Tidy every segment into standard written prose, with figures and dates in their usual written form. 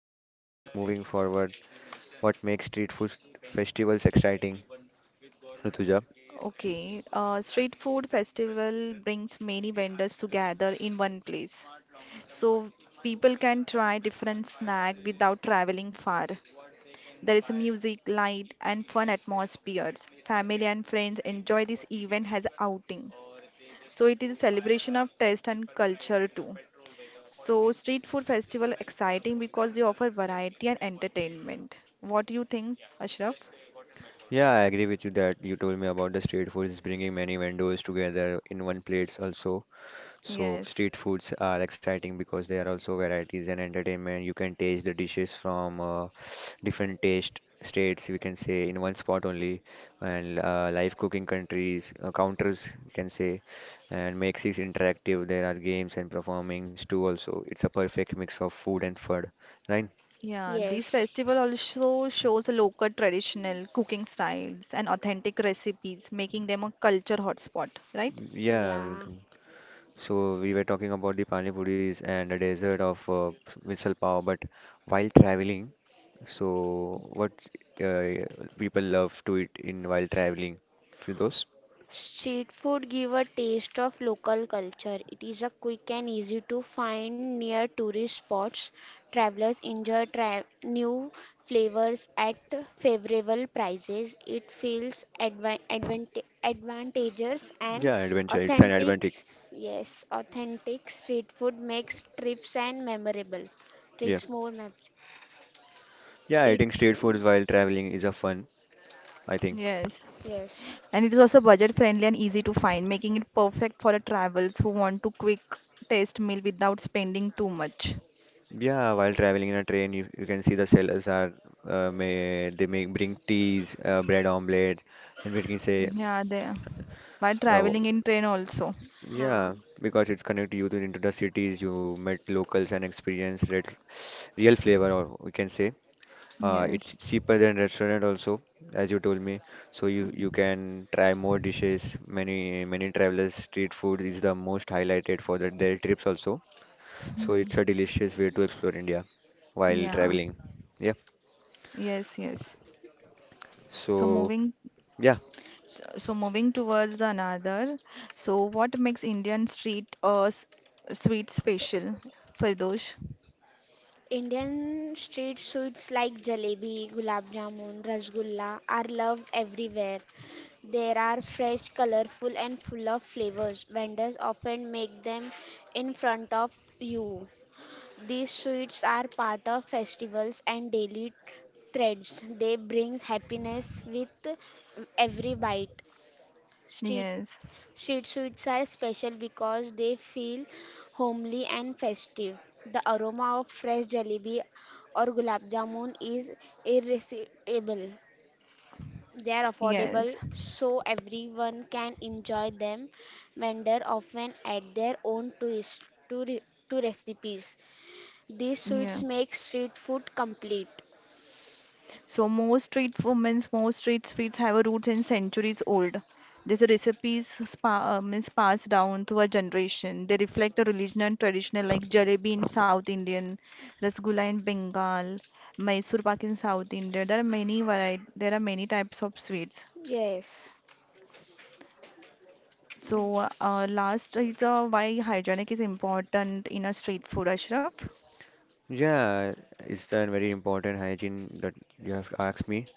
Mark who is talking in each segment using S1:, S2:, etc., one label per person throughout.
S1: So next, moving forward, what makes street food festivals exciting, Rutuja?
S2: Okay, street food festival brings many vendors together in one place, so people can try different snack without traveling far. There is music, light, and fun atmospheres. Family and friends enjoy this event as outing. So it is a celebration of taste and culture too. So street food festival exciting because they offer variety and entertainment. What do you think, Ashraf?
S1: Yeah, I agree with you that you told me about the street food is bringing many vendors together in one place also. So
S2: Yes.
S1: street foods are exciting because they are also varieties and entertainment. You can taste the dishes from different taste states, we can say, in one spot only, and live cooking countries counters, you can say, and makes it interactive. There are games and performings too. Also, it's a perfect mix of food and fun, right?
S2: Yeah, these
S3: Yes,
S2: festival also shows local traditional cooking styles and authentic recipes, making them a culture hotspot, right?
S1: Yeah.
S3: yeah.
S1: So we were talking about the pani puris and the dessert of misal pav, but while traveling. So, what uh, people love to eat in while traveling? Firdaus?
S3: Street food give a taste of local culture. It is a quick and easy to find near tourist spots. Travelers enjoy tra new flavors at favorable prices. It feels advantageous and
S1: Yeah, adventure. It's an
S3: authentic.
S1: advantage.
S3: Yes, authentic street food makes trips and memorable.
S1: Yeah.
S3: Trips more mem
S1: Yeah,
S3: it
S1: eating street foods while traveling is a fun, I think.
S2: Yes.
S3: yes.
S2: And it is also budget friendly and easy to find, making it perfect for a travels who want to quick taste meal without spending too much.
S1: Yeah, while traveling in a train, you can see the sellers are may they make bring teas, bread omelette, and we can say,
S2: Yeah, they by
S1: w-
S2: traveling in train also.
S3: Huh.
S1: yeah, because it's connected you to into the cities. You met locals and experience red, real flavor, or we can say. It's
S2: Yes.
S1: cheaper than restaurant also, as you told me. So you can try more dishes. Many travelers street food is the most highlighted for their trips also. So it's a
S2: Hmm.
S1: delicious way to explore India while
S2: Yeah.
S1: traveling. Yeah.
S2: Yes, yes. So
S1: So
S2: moving
S1: yeah,
S2: so moving towards the another, so what makes Indian street sweet special for those?
S3: Indian street sweets like jalebi, gulab jamun, rasgulla are loved everywhere. They are fresh, colorful, and full of flavors. Vendors often make them in front of you. These sweets are part of festivals and daily threads. They bring happiness with every bite. Street
S2: Yes,
S3: Street sweets are special because they feel homely and festive. The aroma of fresh jalebi or gulab jamun is irresistible. They are
S2: yes,
S3: affordable, so everyone can enjoy them. Vendors often add their own twist to, re- to recipes. These sweets
S2: yeah.
S3: make street food complete.
S2: So most street food means most street sweets have a roots in centuries old. These recipes means passed down through a generation. They reflect a religion and traditional like jalebi in South Indian, rasgulla in Bengal, Mysore pak in South India. There are many variety. There are many types of sweets.
S3: Yes. Mm.
S2: So, last is why hygienic is important in a street food, Ashraf.
S1: yeah. It's a very important hygiene that you have asked me.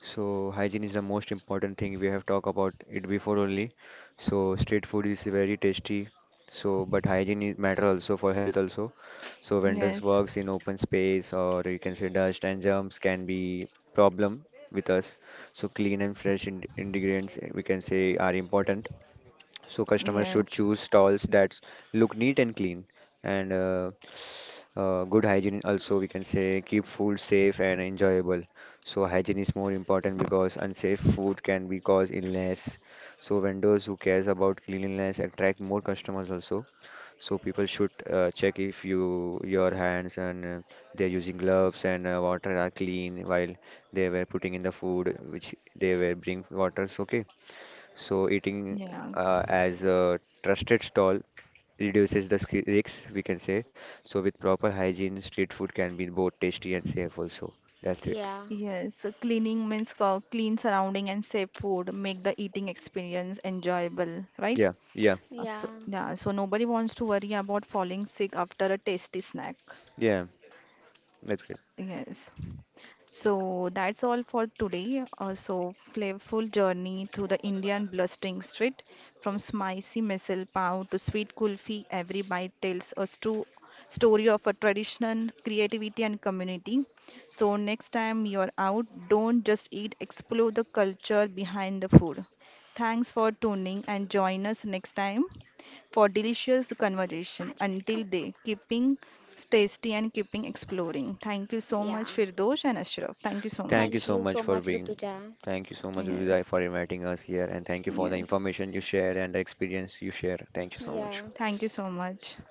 S1: So hygiene is the most important thing we have talked about it before only. So street food is very tasty. So but hygiene is matter also for health also. So vendors
S2: Yes,
S1: works in open space or you can say dust and germs can be problem with us. So clean and fresh in ingredients we can say are important. So customers
S2: yes,
S1: should choose stalls that look neat and clean and good hygiene also we can say keep food safe and enjoyable. So hygiene is more important because unsafe food can be cause illness. So vendors who cares about cleanliness attract more customers also. So people should check if you your hands and they're using gloves and water are clean while they were putting in the food which they were bring waters okay. So eating
S2: yeah,
S1: as a trusted stall reduces the risks, we can say. So with proper hygiene, street food can be both tasty and safe also. That's it.
S3: Yeah.
S2: yes. Cleaning means clean surrounding and safe food make the eating experience enjoyable, right?
S1: Yeah, yeah,
S3: Yeah.
S2: Yeah, so nobody wants to worry about falling sick after a tasty snack.
S1: yeah. That's great.
S2: Yes. So that's all for today. So flavorful journey through the Indian blustering street, from spicy misal pav to sweet kulfi. Every bite tells a true story of a tradition, creativity, and community. So next time you're out, don't just eat. Explore the culture behind the food. Thanks for tuning and join us next time for delicious
S3: Like,
S2: conversation.
S3: पाँच minute कम
S2: Until
S3: हुआ
S2: then, keeping tasty and keeping exploring. Thank you
S3: था.
S2: so much,
S3: Yeah.
S2: Firdosh and Ashraf. Thank you so
S1: Thank you
S3: Thank
S2: much.
S1: so
S3: you
S1: much
S3: so
S1: for
S3: much,
S1: being.
S3: Rutuja.
S1: Thank you so much,
S2: Yes,
S1: Udai, for inviting us here, and thank you for the
S2: yes.
S1: information you share and the experience you share. Thank you so much.
S3: Yeah.
S2: Thank you so much.